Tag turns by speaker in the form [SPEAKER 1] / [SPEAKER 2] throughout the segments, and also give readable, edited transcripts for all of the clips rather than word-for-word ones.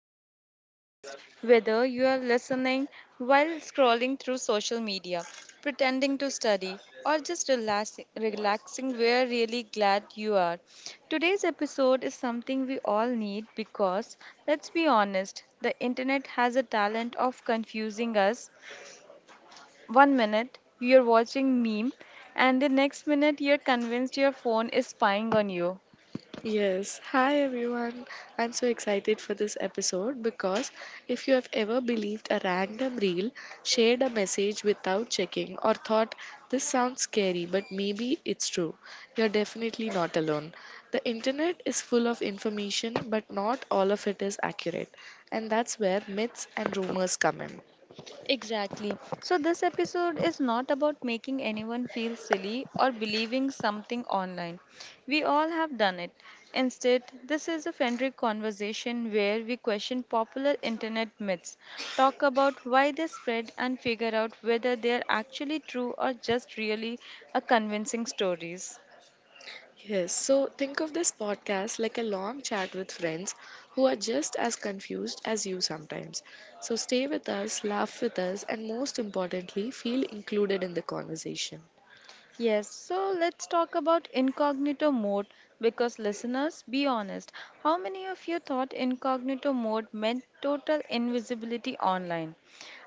[SPEAKER 1] back to the podcast. Whether you are listening while scrolling through social media, pretending to study, or just relaxing, we're really glad you are. Today's episode is something we all need because, let's be honest, the internet has a talent of confusing us. One minute, you're watching meme, and the next minute, you're convinced your phone is spying on you.
[SPEAKER 2] Yes. Hi everyone. I'm so excited for this episode because if you have ever believed a random reel, shared a message without checking, or thought this sounds scary but maybe it's true, you're definitely not alone. The internet is full of information but not all of it is accurate, and that's where myths and rumors come in.
[SPEAKER 1] Exactly. So, this episode is not about making anyone feel silly or believing something online. We all have done it. Instead, this is a friendly conversation where we question popular internet myths, talk about why they spread, and figure out whether they are actually true or just really a convincing stories.
[SPEAKER 2] Yes, so think of this podcast like a long chat with friends who are just as confused as you sometimes. So stay with us, laugh with us, and most importantly, feel included in the conversation.
[SPEAKER 1] Yes, so let's talk about incognito mode because listeners, be honest, how many of you thought incognito mode meant total invisibility online?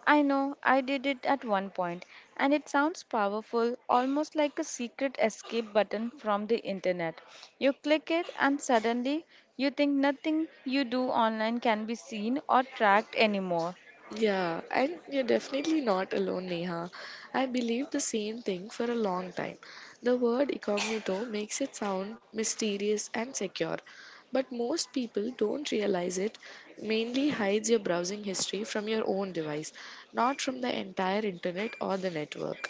[SPEAKER 1] I know, I did it at one point, and it sounds powerful, almost like a secret escape button from the internet. You click it, and suddenly you think nothing you do online can be seen or tracked anymore.
[SPEAKER 2] Yeah, and you're definitely not alone, Neha. I believed the same thing for a long time. The word incognito makes it sound mysterious and secure, but most people don't realize it mainly hides your browsing history from your own device, not from the entire internet or the network.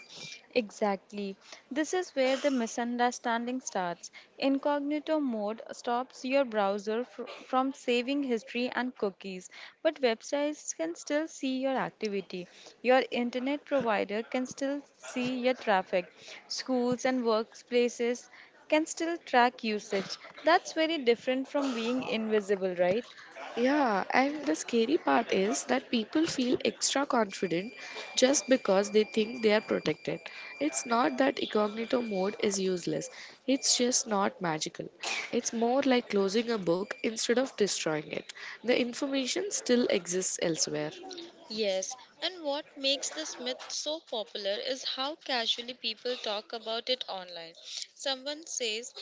[SPEAKER 1] Exactly. This is where the misunderstanding starts. Incognito mode stops your browser from saving history and cookies, but websites can still see your activity. Your internet provider can still see your traffic. Schools and workplaces can still track usage. That's very different from being invisible, right?
[SPEAKER 2] Yeah, and the scary part is that people feel extra confident just because they think they are protected. It's not that incognito mode is useless, it's just not magical. It's more like closing a book instead of destroying it. The information still exists elsewhere.
[SPEAKER 1] Yes, and what makes this myth so popular is how casually people talk about it online. Someone says,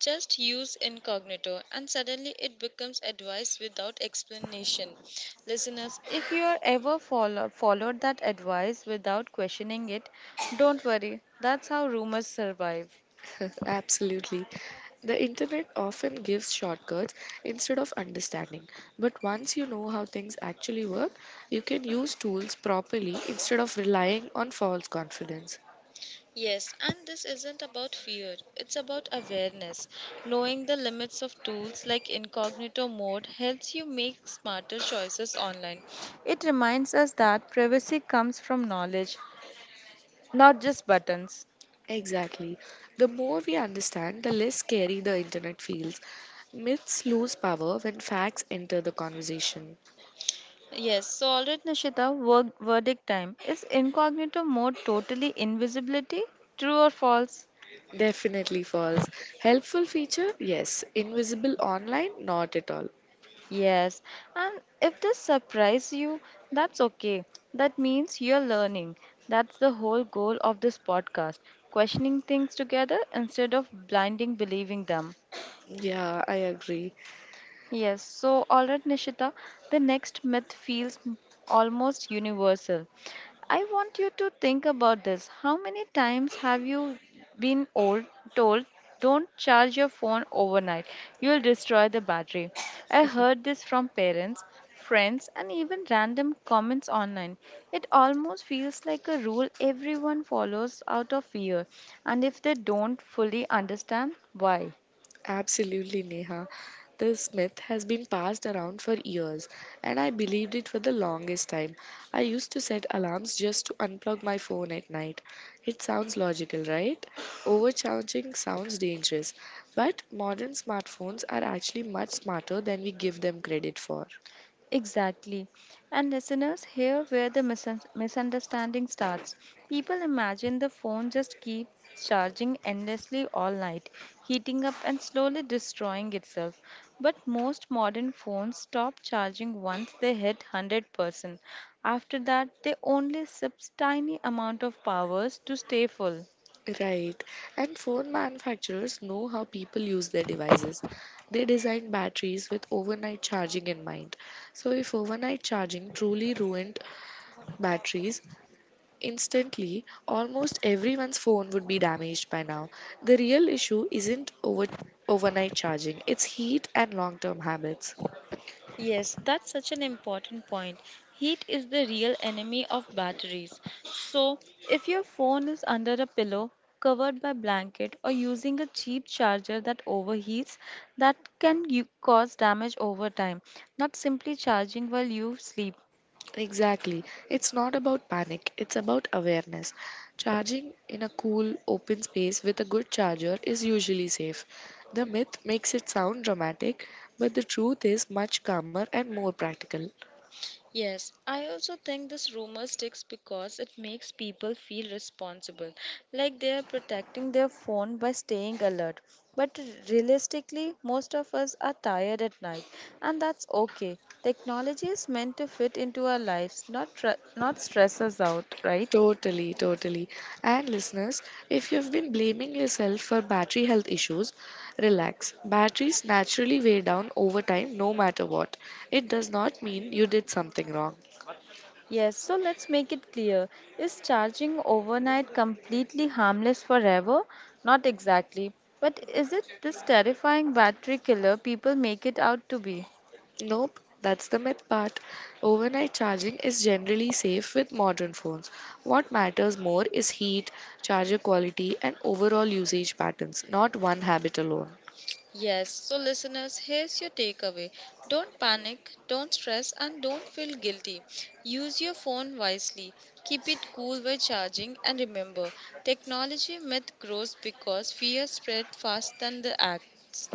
[SPEAKER 1] just use incognito, and suddenly it becomes advice without explanation. Listeners, if you are ever followed that advice without questioning it, don't worry, that's how rumors survive.
[SPEAKER 2] Absolutely. The internet often gives shortcuts instead of understanding. But once you know how things actually work, you can use tools properly instead of relying on false confidence.
[SPEAKER 1] Yes, and this isn't about fear, it's about awareness. Knowing the limits of tools like incognito mode helps you make smarter choices online. It reminds us that privacy comes from knowledge, not just buttons.
[SPEAKER 2] Exactly. The more we understand, the less scary the internet feels. Myths lose power when facts enter the conversation.
[SPEAKER 1] Yes, so alright, Nishita, verdict time. Is incognito mode totally invisibility? True or false?
[SPEAKER 2] Definitely false. Helpful feature? Yes. Invisible online? Not at all.
[SPEAKER 1] Yes, and if this surprise you, that's okay. That means you're learning. That's the whole goal of this podcast questioning things together instead of blinding believing them.
[SPEAKER 2] Yeah, I agree.
[SPEAKER 1] Yes, so all right, Nishita, the next myth feels almost universal. I want you to think about this. How many times have you been old, told, don't charge your phone overnight? You'll destroy the battery. I heard this from parents, friends, and even random comments online. It almost feels like a rule everyone follows out of fear, and if they don't fully understand why.
[SPEAKER 2] Absolutely, Neha. This myth has been passed around for years, and I believed it for the longest time. I used to set alarms just to unplug my phone at night. It sounds logical, right? Overcharging sounds dangerous, but modern smartphones are actually much smarter than we give them credit for.
[SPEAKER 1] Exactly. And listeners, here where the misunderstanding starts. People imagine the phone just keeps charging endlessly all night, heating up and slowly destroying itself. But most modern phones stop charging once they hit 100%. After that, they only sip tiny amount of powers to stay full.
[SPEAKER 2] Right. And phone manufacturers know how people use their devices. They design batteries with overnight charging in mind. So, if overnight charging truly ruined batteries instantly, almost everyone's phone would be damaged by now. The real issue isn't overnight charging, it's heat and long term habits.
[SPEAKER 1] Yes, that's such an important point. Heat is the real enemy of batteries. So, if your phone is under a pillow, covered by blanket, or using a cheap charger that overheats, that can you cause damage over time, not simply charging while you sleep.
[SPEAKER 2] Exactly. It's not about panic, it's about awareness. Charging in a cool, open space with a good charger is usually safe. The myth makes it sound dramatic, but the truth is much calmer and more practical.
[SPEAKER 1] Yes, I also think this rumor sticks because it makes people feel responsible, like they are protecting their phone by staying alert. But realistically, most of us are tired at night, and that's okay. Technology is meant to fit into our lives, not stress us out, right?
[SPEAKER 2] Totally, totally. And listeners, if you've been blaming yourself for battery health issues, relax. Batteries naturally wear down over time no matter what. It does not mean you did something wrong.
[SPEAKER 1] Yes, so let's make it clear. Is charging overnight completely harmless forever? Not exactly. But is it this terrifying battery killer people make it out to be?
[SPEAKER 2] Nope, that's the myth part. Overnight charging is generally safe with modern phones. What matters more is heat, charger quality, and overall usage patterns, not one habit alone.
[SPEAKER 1] Yes, so listeners, here's your takeaway. Don't panic, don't stress, and don't feel guilty. Use your phone wisely. Keep it cool by charging, and remember technology myth grows because fear spread faster than the acts.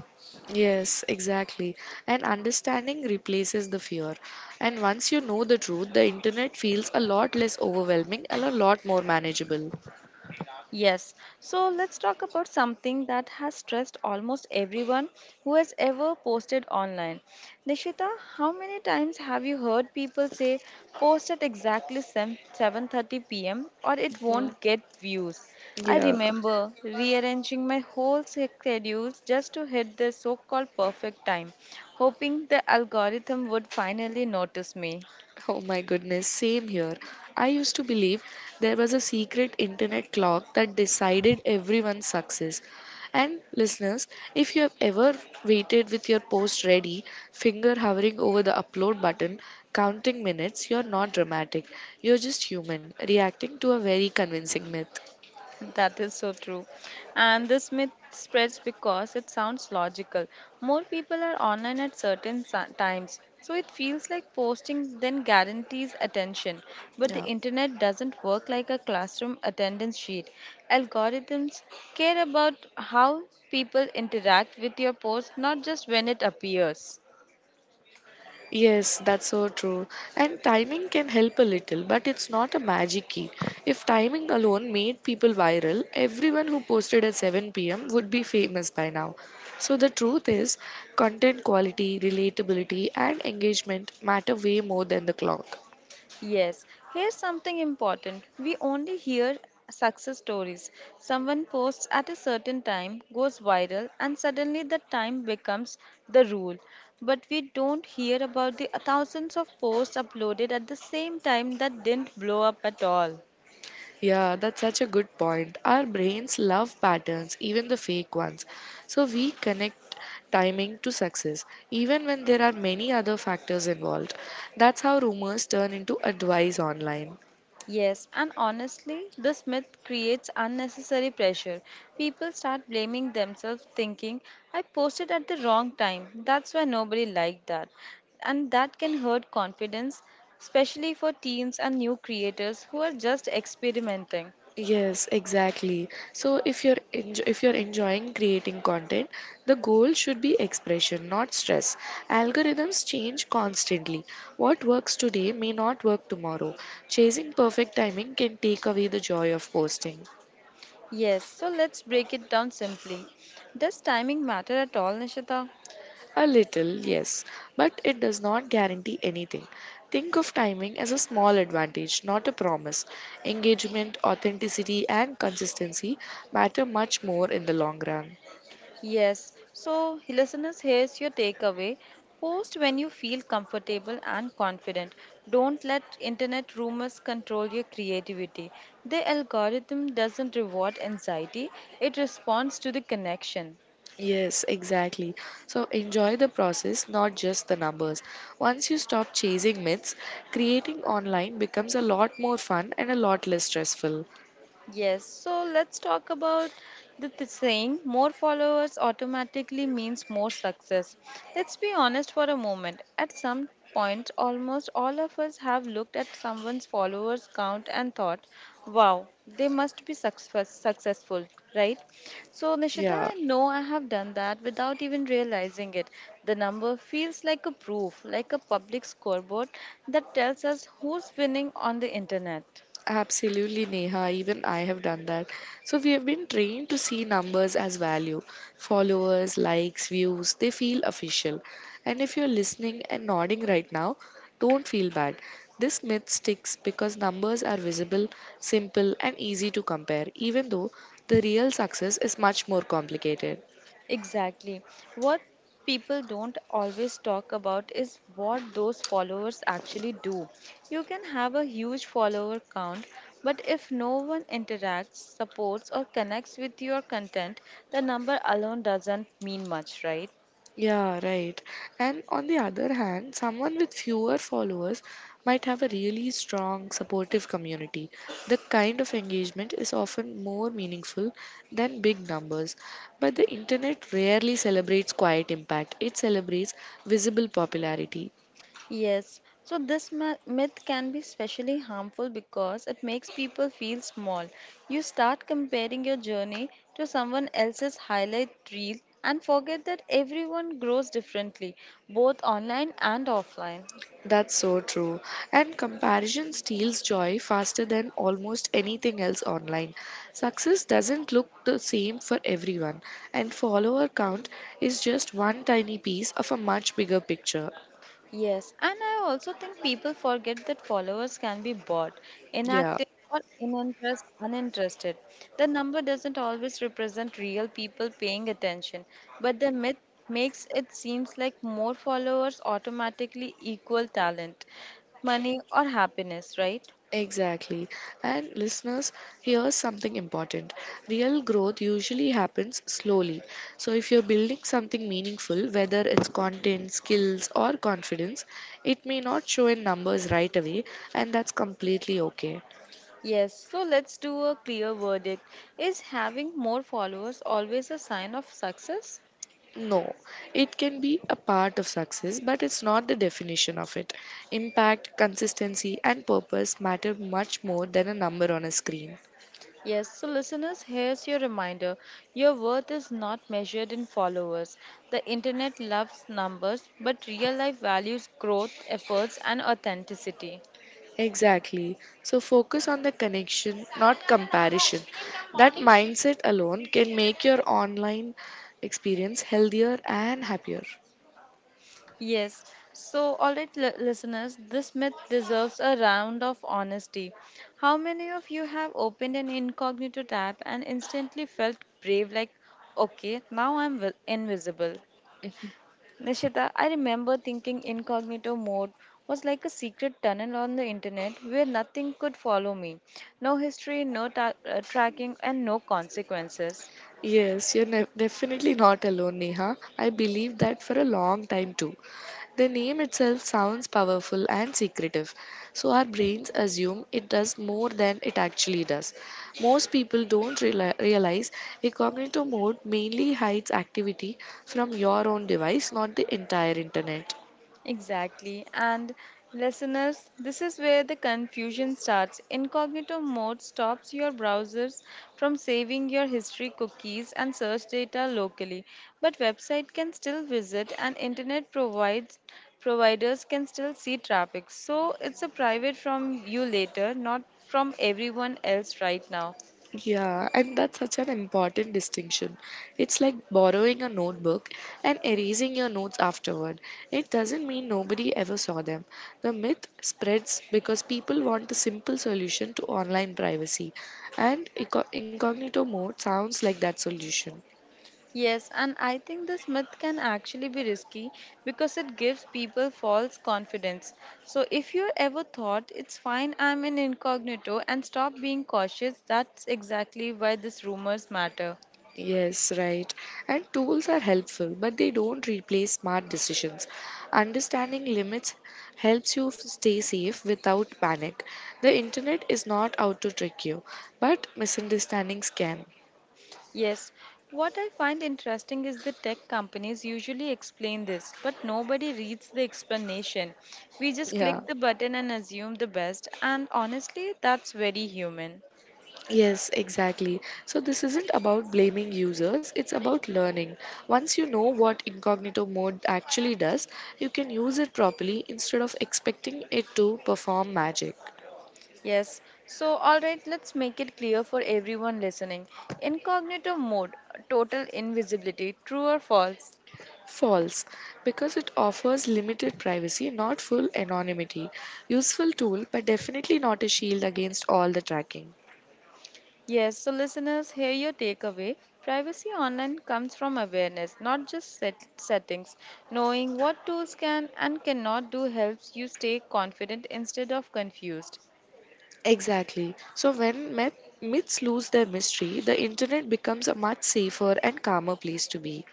[SPEAKER 2] Yes, exactly. And understanding replaces the fear. And once you know the truth, the internet feels a lot less overwhelming and a lot more manageable.
[SPEAKER 1] Yes, so let's talk about something that has stressed almost everyone who has ever posted online. Nishita, how many times have you heard people say post at exactly 7:30 p.m. or it
[SPEAKER 2] Yeah.
[SPEAKER 1] won't get views? I
[SPEAKER 2] Yeah.
[SPEAKER 1] remember rearranging my whole schedules just to hit the so-called perfect time, hoping the algorithm would finally notice me.
[SPEAKER 2] Oh my goodness, same here. I used to believe there was a secret internet clock that decided everyone's success. And listeners, if you have ever waited with your post ready, finger hovering over the upload button, counting minutes, you're not dramatic. You're just human, reacting to a very convincing myth.
[SPEAKER 1] That is so true. And this myth spreads because it sounds logical. More people are online at certain times, so it feels like posting then guarantees attention. But
[SPEAKER 2] Yeah.
[SPEAKER 1] the internet doesn't work like a classroom attendance sheet. Algorithms care about how people interact with your post, not just when it appears.
[SPEAKER 2] Yes, that's so true. And timing can help a little, but it's not a magic key. If timing alone made people viral, everyone who posted at 7 p.m. would be famous by now. So the truth is, content quality, relatability, and engagement matter way more than the clock.
[SPEAKER 1] Yes, here's something important. We only hear success stories. Someone posts at a certain time, goes viral, and suddenly the time becomes the rule. But we don't hear about the thousands of posts uploaded at the same time that didn't blow up at all.
[SPEAKER 2] Yeah, that's such a good point. Our brains love patterns, even the fake ones. So we connect timing to success, even when there are many other factors involved. That's how rumors turn into advice online.
[SPEAKER 1] Yes, and honestly, this myth creates unnecessary pressure. People start blaming themselves, thinking, I posted at the wrong time. That's why nobody liked that. And that can hurt confidence, especially for teens and new creators who are just experimenting.
[SPEAKER 2] Yes, exactly. So if you're enjoying creating content, the goal should be expression, not stress. Algorithms change constantly. What works today may not work tomorrow. Chasing perfect timing can take away the joy of posting.
[SPEAKER 1] Yes, so let's break it down simply. Does timing matter at all, Nishita?
[SPEAKER 2] A little, yes, but it does not guarantee anything. Think of timing as a small advantage, not a promise. Engagement, authenticity, and consistency matter much more in the long run.
[SPEAKER 1] Yes, so listeners, here's your takeaway. Post when you feel comfortable and confident. Don't let internet rumors control your creativity. The algorithm doesn't reward anxiety, it responds to the connection.
[SPEAKER 2] Yes, exactly. So enjoy the process, not just the numbers. Once you stop chasing myths, creating online becomes a lot more fun and a lot less stressful.
[SPEAKER 1] Yes, so let's talk about the saying more followers automatically means more success. Let's be honest for a moment. At some point, almost all of us have looked at someone's followers count and thought, wow, they must be successful, right? So, Nishita,
[SPEAKER 2] Yeah.
[SPEAKER 1] I know I have done that without even realizing it. The number feels like a proof, like a public scoreboard that tells us who's winning on the internet.
[SPEAKER 2] Absolutely, Neha. Even I have done that. So we have been trained to see numbers as value. Followers, likes, views, they feel official. And if you're listening and nodding right now, don't feel bad. This myth sticks because numbers are visible, simple, and easy to compare, even though the real success is much more complicated.
[SPEAKER 1] Exactly. What people don't always talk about is what those followers actually do. You can have a huge follower count, but if no one interacts, supports, or connects with your content, the number alone doesn't mean much, right?
[SPEAKER 2] Yeah, right. And on the other hand, someone with fewer followers might have a really strong supportive community. The kind of engagement is often more meaningful than big numbers. But the internet rarely celebrates quiet impact, it celebrates visible popularity.
[SPEAKER 1] Yes, so this myth can be especially harmful because it makes people feel small. You start comparing your journey to someone else's highlight reel and forget that everyone grows differently, both online and offline.
[SPEAKER 2] That's so true. And comparison steals joy faster than almost anything else online. Success doesn't look the same for everyone, and follower count is just one tiny piece of a much bigger picture.
[SPEAKER 1] Yes, and I also think people forget that followers can be bought,
[SPEAKER 2] Yeah.
[SPEAKER 1] inactive, or uninterested. The number doesn't always represent real people paying attention, but the myth makes it seems like more followers automatically equal talent, money, or happiness, right?
[SPEAKER 2] Exactly. And listeners, here's something important. Real growth usually happens slowly. So, if you're building something meaningful, whether it's content, skills, or confidence, it may not show in numbers right away, and that's completely okay.
[SPEAKER 1] Yes, so let's do a clear verdict. Is having more followers always a sign of success?
[SPEAKER 2] No, it can be a part of success, but it's not the definition of it. Impact, consistency, and purpose matter much more than a number on a screen.
[SPEAKER 1] Yes, so listeners, here's your reminder. Your worth is not measured in followers. The internet loves numbers, but real life values growth, efforts, and authenticity.
[SPEAKER 2] Exactly. So focus on the connection, not comparison. That mindset alone can make your online experience healthier and happier.
[SPEAKER 1] Yes, so all right, listeners, this myth deserves a round of honesty. How many of you have opened an incognito tab and instantly felt brave, like, okay, now I'm invisible? Nishita, I remember thinking incognito mode was like a secret tunnel on the internet where nothing could follow me. No history, no tracking, and no consequences.
[SPEAKER 2] Definitely not alone, Neha. I believe that for a long time too. The name itself sounds powerful and secretive, so our brains assume it does more than it actually does. Most people don't realize incognito mode mainly hides activity from your own device, not the entire internet.
[SPEAKER 1] Exactly. And listeners, this is where the confusion starts. Incognito mode stops your browsers from saving your history cookies and search data locally, but website can still visit and internet provides providers can still see traffic. So it's a private from you later, not from everyone else right now.
[SPEAKER 2] Yeah, and that's such an important distinction. It's like borrowing a notebook and erasing your notes afterward. It doesn't mean nobody ever saw them. The myth spreads because people want a simple solution to online privacy, and incognito mode sounds like that solution.
[SPEAKER 1] Yes, and I think this myth can actually be risky because it gives people false confidence. So, if you ever thought it's fine, I'm in incognito, and stop being cautious, that's exactly why these rumors matter.
[SPEAKER 2] Yes, right. And tools are helpful, but they don't replace smart decisions. Understanding limits helps you stay safe without panic. The internet is not out to trick you, but misunderstandings can.
[SPEAKER 1] Yes, what I find interesting is the tech companies usually explain this, but nobody reads the explanation. We just
[SPEAKER 2] Yeah.
[SPEAKER 1] click the button and assume the best, and honestly, that's very human.
[SPEAKER 2] Yes, exactly. So this isn't about blaming users, it's about learning. Once you know what incognito mode actually does, you can use it properly instead of expecting it to perform magic.
[SPEAKER 1] Yes, so all right, let's make it clear for everyone listening. Incognito mode, total invisibility, true or false?
[SPEAKER 2] False, because it offers limited privacy, not full anonymity. Useful tool, but definitely not a shield against all the tracking.
[SPEAKER 1] Yes, so listeners, here your takeaway. Privacy online comes from awareness, not just settings. Knowing what tools can and cannot do helps you stay confident instead of confused.
[SPEAKER 2] Exactly. So when myths lose their mystery, the internet becomes a much safer and calmer place to be.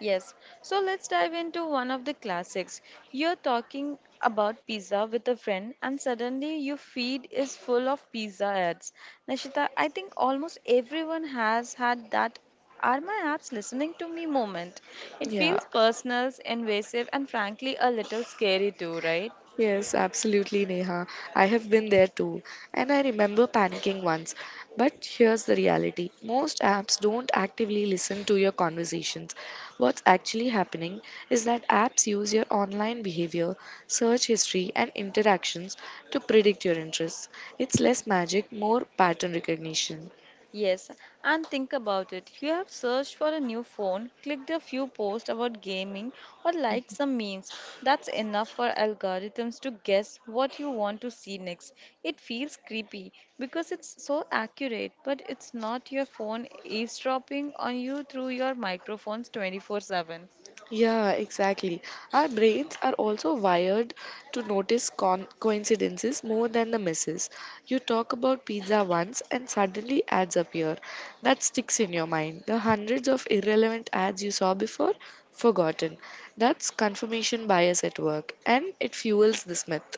[SPEAKER 1] Yes, so let's dive into one of the classics. You're talking about pizza with a friend, and suddenly your feed is full of pizza ads. Nashita, I think almost everyone has had that are my apps listening to me moment. It
[SPEAKER 2] Yeah.
[SPEAKER 1] feels personal, invasive, and frankly a little scary too, right?
[SPEAKER 2] Yes, absolutely, Neha. I have been there too. And I remember panicking once. But here's the reality most apps don't actively listen to your conversations. What's actually happening is that apps use your online behavior, search history, and interactions to predict your interests. It's less magic, more pattern recognition.
[SPEAKER 1] Yes, and think about it. You have searched for a new phone, clicked a few posts about gaming, or liked some memes. That's enough for algorithms to guess what you want to see next. It feels creepy because it's so accurate, but it's not your phone eavesdropping on you through your microphones 24/7.
[SPEAKER 2] Yeah, exactly. Our brains are also wired to notice coincidences more than the misses. You talk about pizza once and suddenly ads appear. That sticks in your mind. The hundreds of irrelevant ads you saw before, forgotten. That's confirmation bias at work, and it fuels this myth.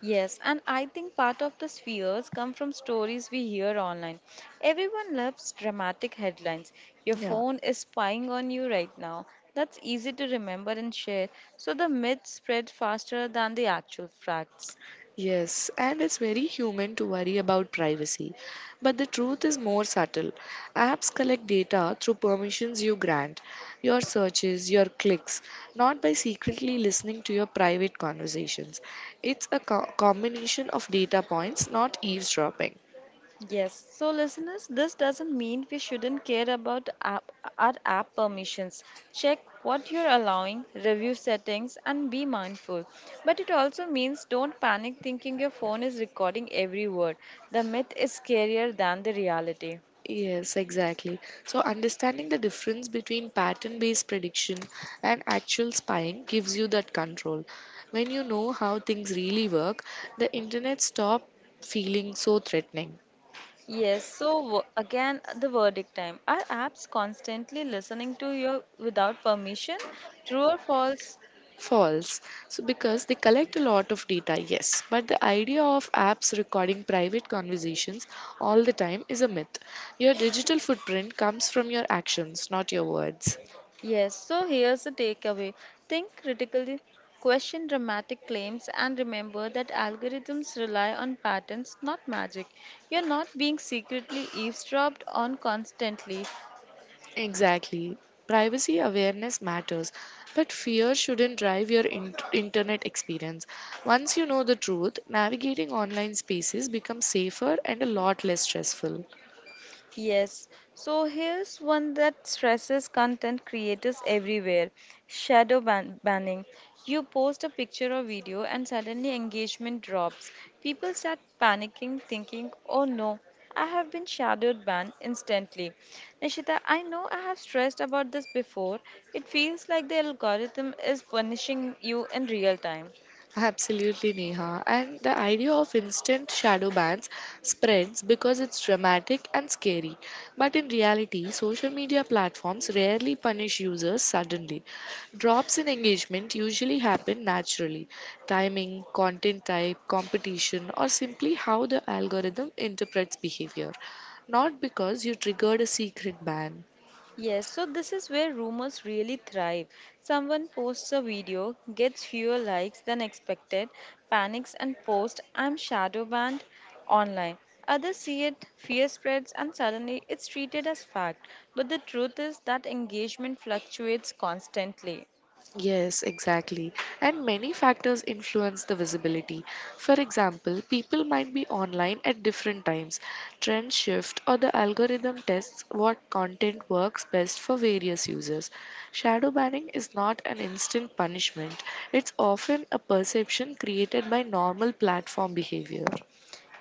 [SPEAKER 1] Yes, and I think part of the fears come from stories we hear online. Everyone loves dramatic headlines. Your
[SPEAKER 2] Yeah.
[SPEAKER 1] phone is spying on you right now. That's easy to remember and share. So the myths spread faster than the actual facts.
[SPEAKER 2] Yes, and it's very human to worry about privacy. But the truth is more subtle. Apps collect data through permissions you grant, your searches, your clicks, not by secretly listening to your private conversations. It's a combination of data points, not eavesdropping.
[SPEAKER 1] Yes, so listeners, this doesn't mean we shouldn't care about our app permissions. Check what you're allowing, review settings, and be mindful. But it also means don't panic thinking your phone is recording every word. The myth is scarier than the reality.
[SPEAKER 2] Yes, exactly. So, understanding the difference between pattern based prediction and actual spying gives you that control. When you know how things really work, the internet stop feeling so threatening.
[SPEAKER 1] Yes, so again, the verdict time. Are apps constantly listening to you without permission? True or false?
[SPEAKER 2] False. So, because they collect a lot of data, yes, but the idea of apps recording private conversations all the time is a myth. Your digital footprint comes from your actions, not your words.
[SPEAKER 1] Yes, so here's the takeaway. Think critically, question dramatic claims, and remember that algorithms rely on patterns, not magic. You're not being secretly eavesdropped on constantly.
[SPEAKER 2] Exactly. Privacy awareness matters, but fear shouldn't drive your internet experience. Once you know the truth, navigating online spaces becomes safer and a lot less stressful.
[SPEAKER 1] Yes, so here's one that stresses content creators everywhere, banning. You post a picture or video, and suddenly engagement drops. People start panicking, thinking, oh no, I have been shadowed banned instantly. Nishita, I know I have stressed about this before. It feels like the algorithm is punishing you in real time.
[SPEAKER 2] Absolutely, Neha. And the idea of instant shadow bans spreads because it's dramatic and scary. But in reality, social media platforms rarely punish users suddenly. Drops in engagement usually happen naturally timing, content type, competition, or simply how the algorithm interprets behavior. Not because you triggered a secret ban.
[SPEAKER 1] Yes, so this is where rumors really thrive. Someone posts a video, gets fewer likes than expected, panics and posts, I'm shadow banned online. Others see it, fear spreads, and suddenly it's treated as fact. But the truth is that engagement fluctuates constantly.
[SPEAKER 2] Yes, exactly. And many factors influence the visibility. For example, people might be online at different times. Trends shift or the algorithm tests what content works best for various users. Shadow banning is not an instant punishment, it's often a perception created by normal platform behavior.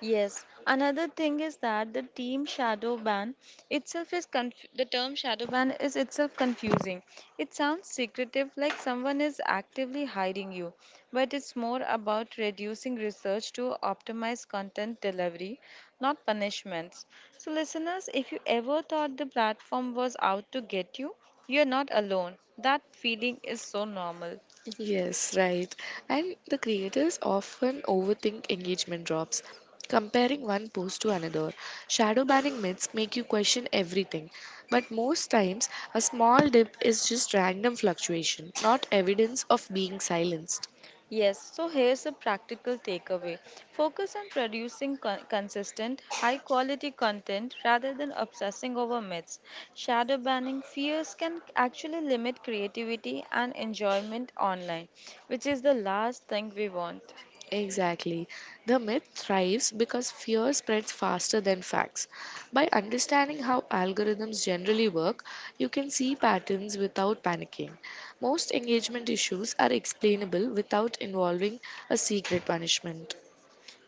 [SPEAKER 1] Yes, another thing is that the term shadow ban is itself confusing. It sounds secretive, like someone is actively hiding you, but it's more about reducing research to optimize content delivery, not punishments. So listeners, if you ever thought the platform was out to get you, you're not alone. That feeling is so normal.
[SPEAKER 2] Yes, right. And the creators often overthink engagement drops, comparing one post to another. Shadow banning myths make you question everything, but most times a small dip is just random fluctuation, not evidence of being silenced.
[SPEAKER 1] Yes, so here's a practical takeaway. Focus on producing consistent, high quality content rather than obsessing over myths. Shadow banning fears can actually limit creativity and enjoyment online, which is the last thing we want.
[SPEAKER 2] Exactly. The myth thrives because fear spreads faster than facts. By understanding how algorithms generally work, you can see patterns without panicking. Most engagement issues are explainable without involving a secret punishment.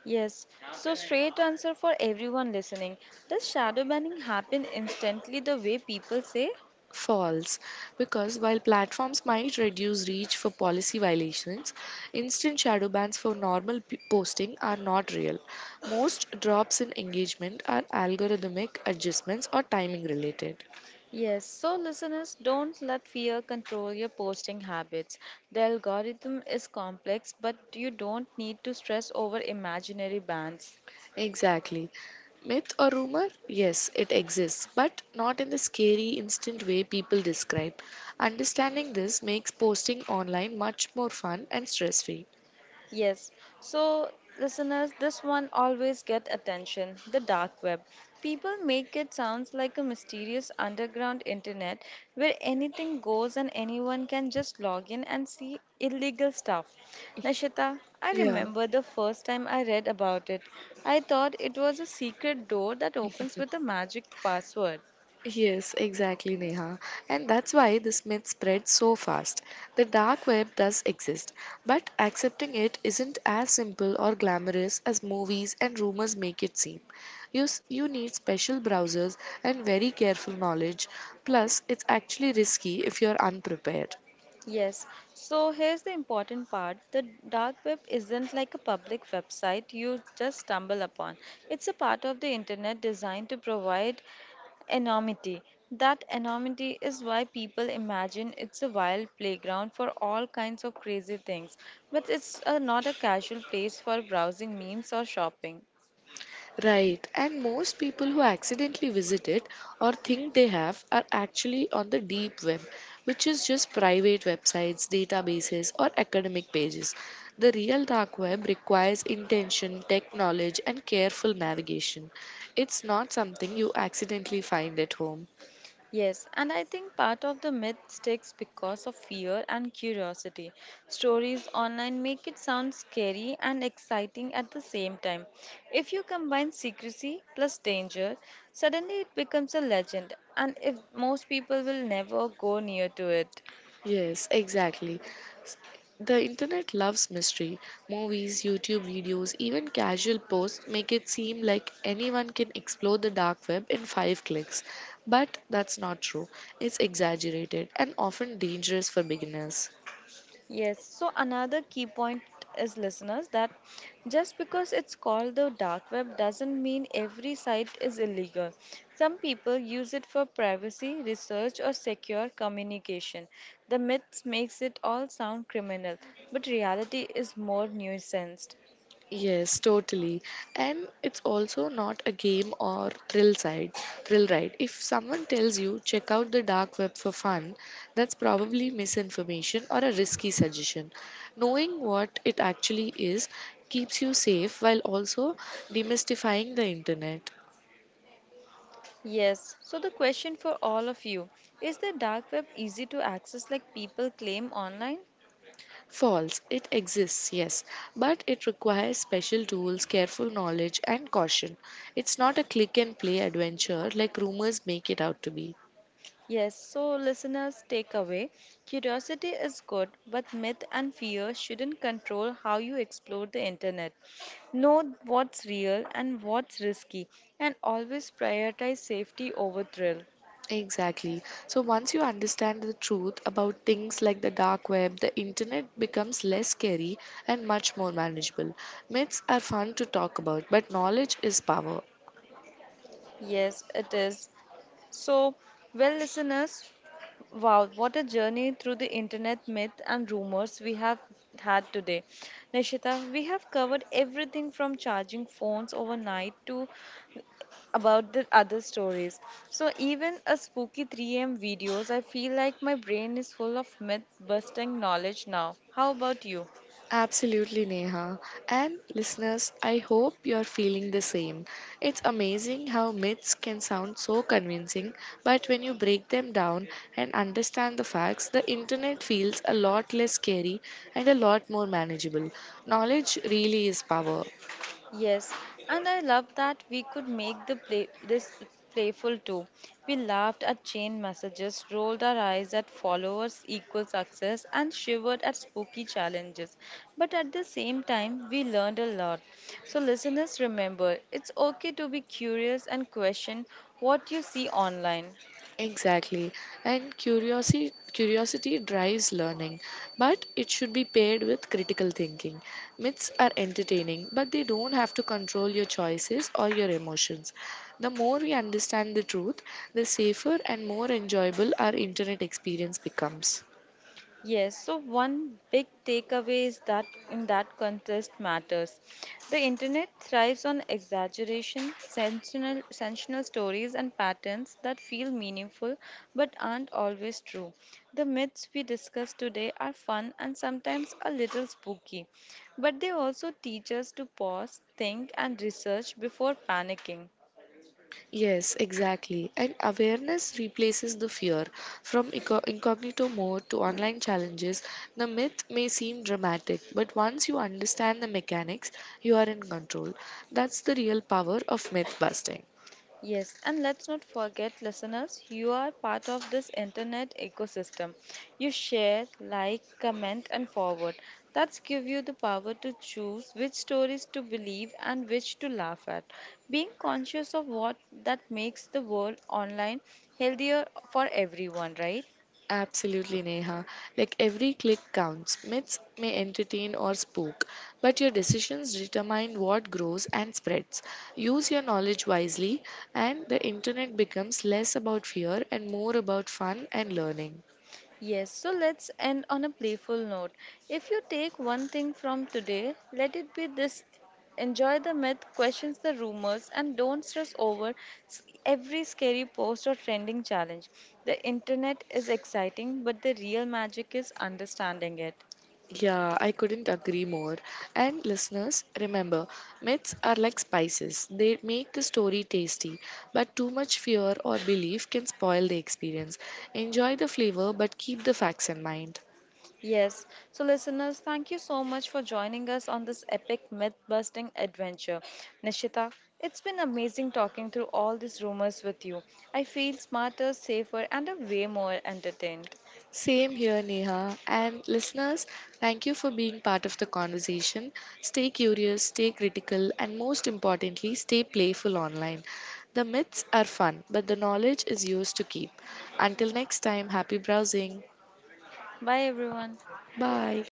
[SPEAKER 1] Yes, so straight answer for everyone listening. Does shadow banning happen instantly the way people say?
[SPEAKER 2] False, because while platforms might reduce reach for policy violations, instant shadow bans for normal posting are not real. Most drops in engagement are algorithmic adjustments or timing related.
[SPEAKER 1] Yes, so listeners, don't let fear control your posting habits. The algorithm is complex, but you don't need to stress over imaginary bans.
[SPEAKER 2] Exactly. Myth or rumor? Yes, it exists, but not in the scary, instant way people describe. Understanding this makes posting online much more fun and stress free.
[SPEAKER 1] Yes. So, listeners, this one always get attention, the dark web. People make it sounds like a mysterious underground internet where anything goes and anyone can just log in and see illegal stuff. Nashita, I
[SPEAKER 2] Yeah.
[SPEAKER 1] remember the first time I read about it. I thought it was a secret door that opens with a magic password.
[SPEAKER 2] Yes, exactly, Neha. And that's why this myth spreads so fast. The dark web does exist, but accepting it isn't as simple or glamorous as movies and rumors make it seem. You need special browsers and very careful knowledge. Plus, it's actually risky if you're unprepared.
[SPEAKER 1] Yes, so here's the important part. The dark web isn't like a public website you just stumble upon. It's a part of the internet designed to provide anonymity. That anonymity is why people imagine it's a wild playground for all kinds of crazy things, but it's not a casual place for browsing memes or shopping.
[SPEAKER 2] Right, and most people who accidentally visit it or think they have are actually on the deep web, which is just private websites, databases, or academic pages. The real dark web requires intention, tech knowledge, and careful navigation. It's not something you accidentally find at home.
[SPEAKER 1] Yes, and I think part of the myth sticks because of fear and curiosity. Stories online make it sound scary and exciting at the same time. If you combine secrecy plus danger, suddenly it becomes a legend, and if most people will never go near to it.
[SPEAKER 2] Yes, exactly. S- The internet loves mystery. Movies, YouTube videos, even casual posts make it seem like anyone can explore the dark web in five clicks. But that's not true. It's exaggerated and often dangerous for beginners.
[SPEAKER 1] Yes, so another key point is, listeners, that just because it's called the dark web doesn't mean every site is illegal. Some people use it for privacy, research, or secure communication. The myths makes it all sound criminal, but reality is more nuanced.
[SPEAKER 2] Yes, totally. And it's also not a game or thrill side, thrill ride. If someone tells you check out the dark web for fun, that's probably misinformation or a risky suggestion. Knowing what it actually is keeps you safe while also demystifying the internet.
[SPEAKER 1] Yes, so the question for all of you is, the dark web easy to access like people claim online?
[SPEAKER 2] False, it exists, yes, but it requires special tools, careful knowledge, and caution. It's not a click and play adventure like rumors make it out to be.
[SPEAKER 1] Yes, so listeners, take away, curiosity is good, but myth and fear shouldn't control how you explore the internet. Know what's real and what's risky, and always prioritize safety over thrill.
[SPEAKER 2] Exactly. So once you understand the truth about things like the dark web, the internet becomes less scary and much more manageable. Myths are fun to talk about, but knowledge is power.
[SPEAKER 1] Yes, it is. So, well, listeners, wow, what a journey through the internet myth and rumors we have had today. Nishita, we have covered everything from charging phones overnight to about the other stories. So even a spooky 3 a.m. videos, I feel like my brain is full of myth-busting knowledge now. How about you?
[SPEAKER 2] Absolutely, Neha. And listeners, I hope you're feeling the same. It's amazing how myths can sound so convincing, but when you break them down and understand the facts, the internet feels a lot less scary and a lot more manageable. Knowledge really is power.
[SPEAKER 1] Yes, and I love that we could make the play this playful too. We laughed at chain messages, rolled our eyes at followers equal success, and shivered at spooky challenges. But at the same time, we learned a lot. So listeners, remember, it's okay to be curious and question what you see online.
[SPEAKER 2] Exactly. And curiosity drives learning, but it should be paired with critical thinking. Myths are entertaining, but they don't have to control your choices or your emotions. The more we understand the truth, the safer and more enjoyable our internet experience becomes.
[SPEAKER 1] Yes, so one big takeaway is that in that contest matters. The internet thrives on exaggeration, sensational stories, and patterns that feel meaningful but aren't always true. The myths we discuss today are fun and sometimes a little spooky, but they also teach us to pause, think, and research before panicking.
[SPEAKER 2] Yes, exactly. And awareness replaces the fear. From incognito mode to online challenges, the myth may seem dramatic, but once you understand the mechanics, you are in control. That's the real power of myth busting.
[SPEAKER 1] Yes, and let's not forget, listeners, you are part of this internet ecosystem. You share, like, comment, and forward. That's give you the power to choose which stories to believe and which to laugh at. Being conscious of what that makes the world online healthier for everyone, right?
[SPEAKER 2] Absolutely, Neha. Like every click counts. Myths may entertain or spook, but your decisions determine what grows and spreads. Use your knowledge wisely, and the internet becomes less about fear and more about fun and learning.
[SPEAKER 1] Yes, so let's end on a playful note. If you take one thing from today, let it be this: enjoy the myth, questions the rumors, and don't stress over every scary post or trending challenge. The internet is exciting, but the real magic is understanding it.
[SPEAKER 2] Yeah, I couldn't agree more. And listeners, remember, myths are like spices. They make the story tasty, but too much fear or belief can spoil the experience. Enjoy the flavor, but keep the facts in mind.
[SPEAKER 1] Yes. So, listeners, thank you so much for joining us on this epic myth busting adventure. Nishita, it's been amazing talking through all these rumors with you. I feel smarter, safer, and a way more entertained.
[SPEAKER 2] Same here, Neha. And listeners, thank you for being part of the conversation. Stay curious, stay critical, and most importantly, stay playful online. The myths are fun, but the knowledge is yours to keep. Until next time, happy browsing.
[SPEAKER 1] Bye, everyone.
[SPEAKER 2] Bye.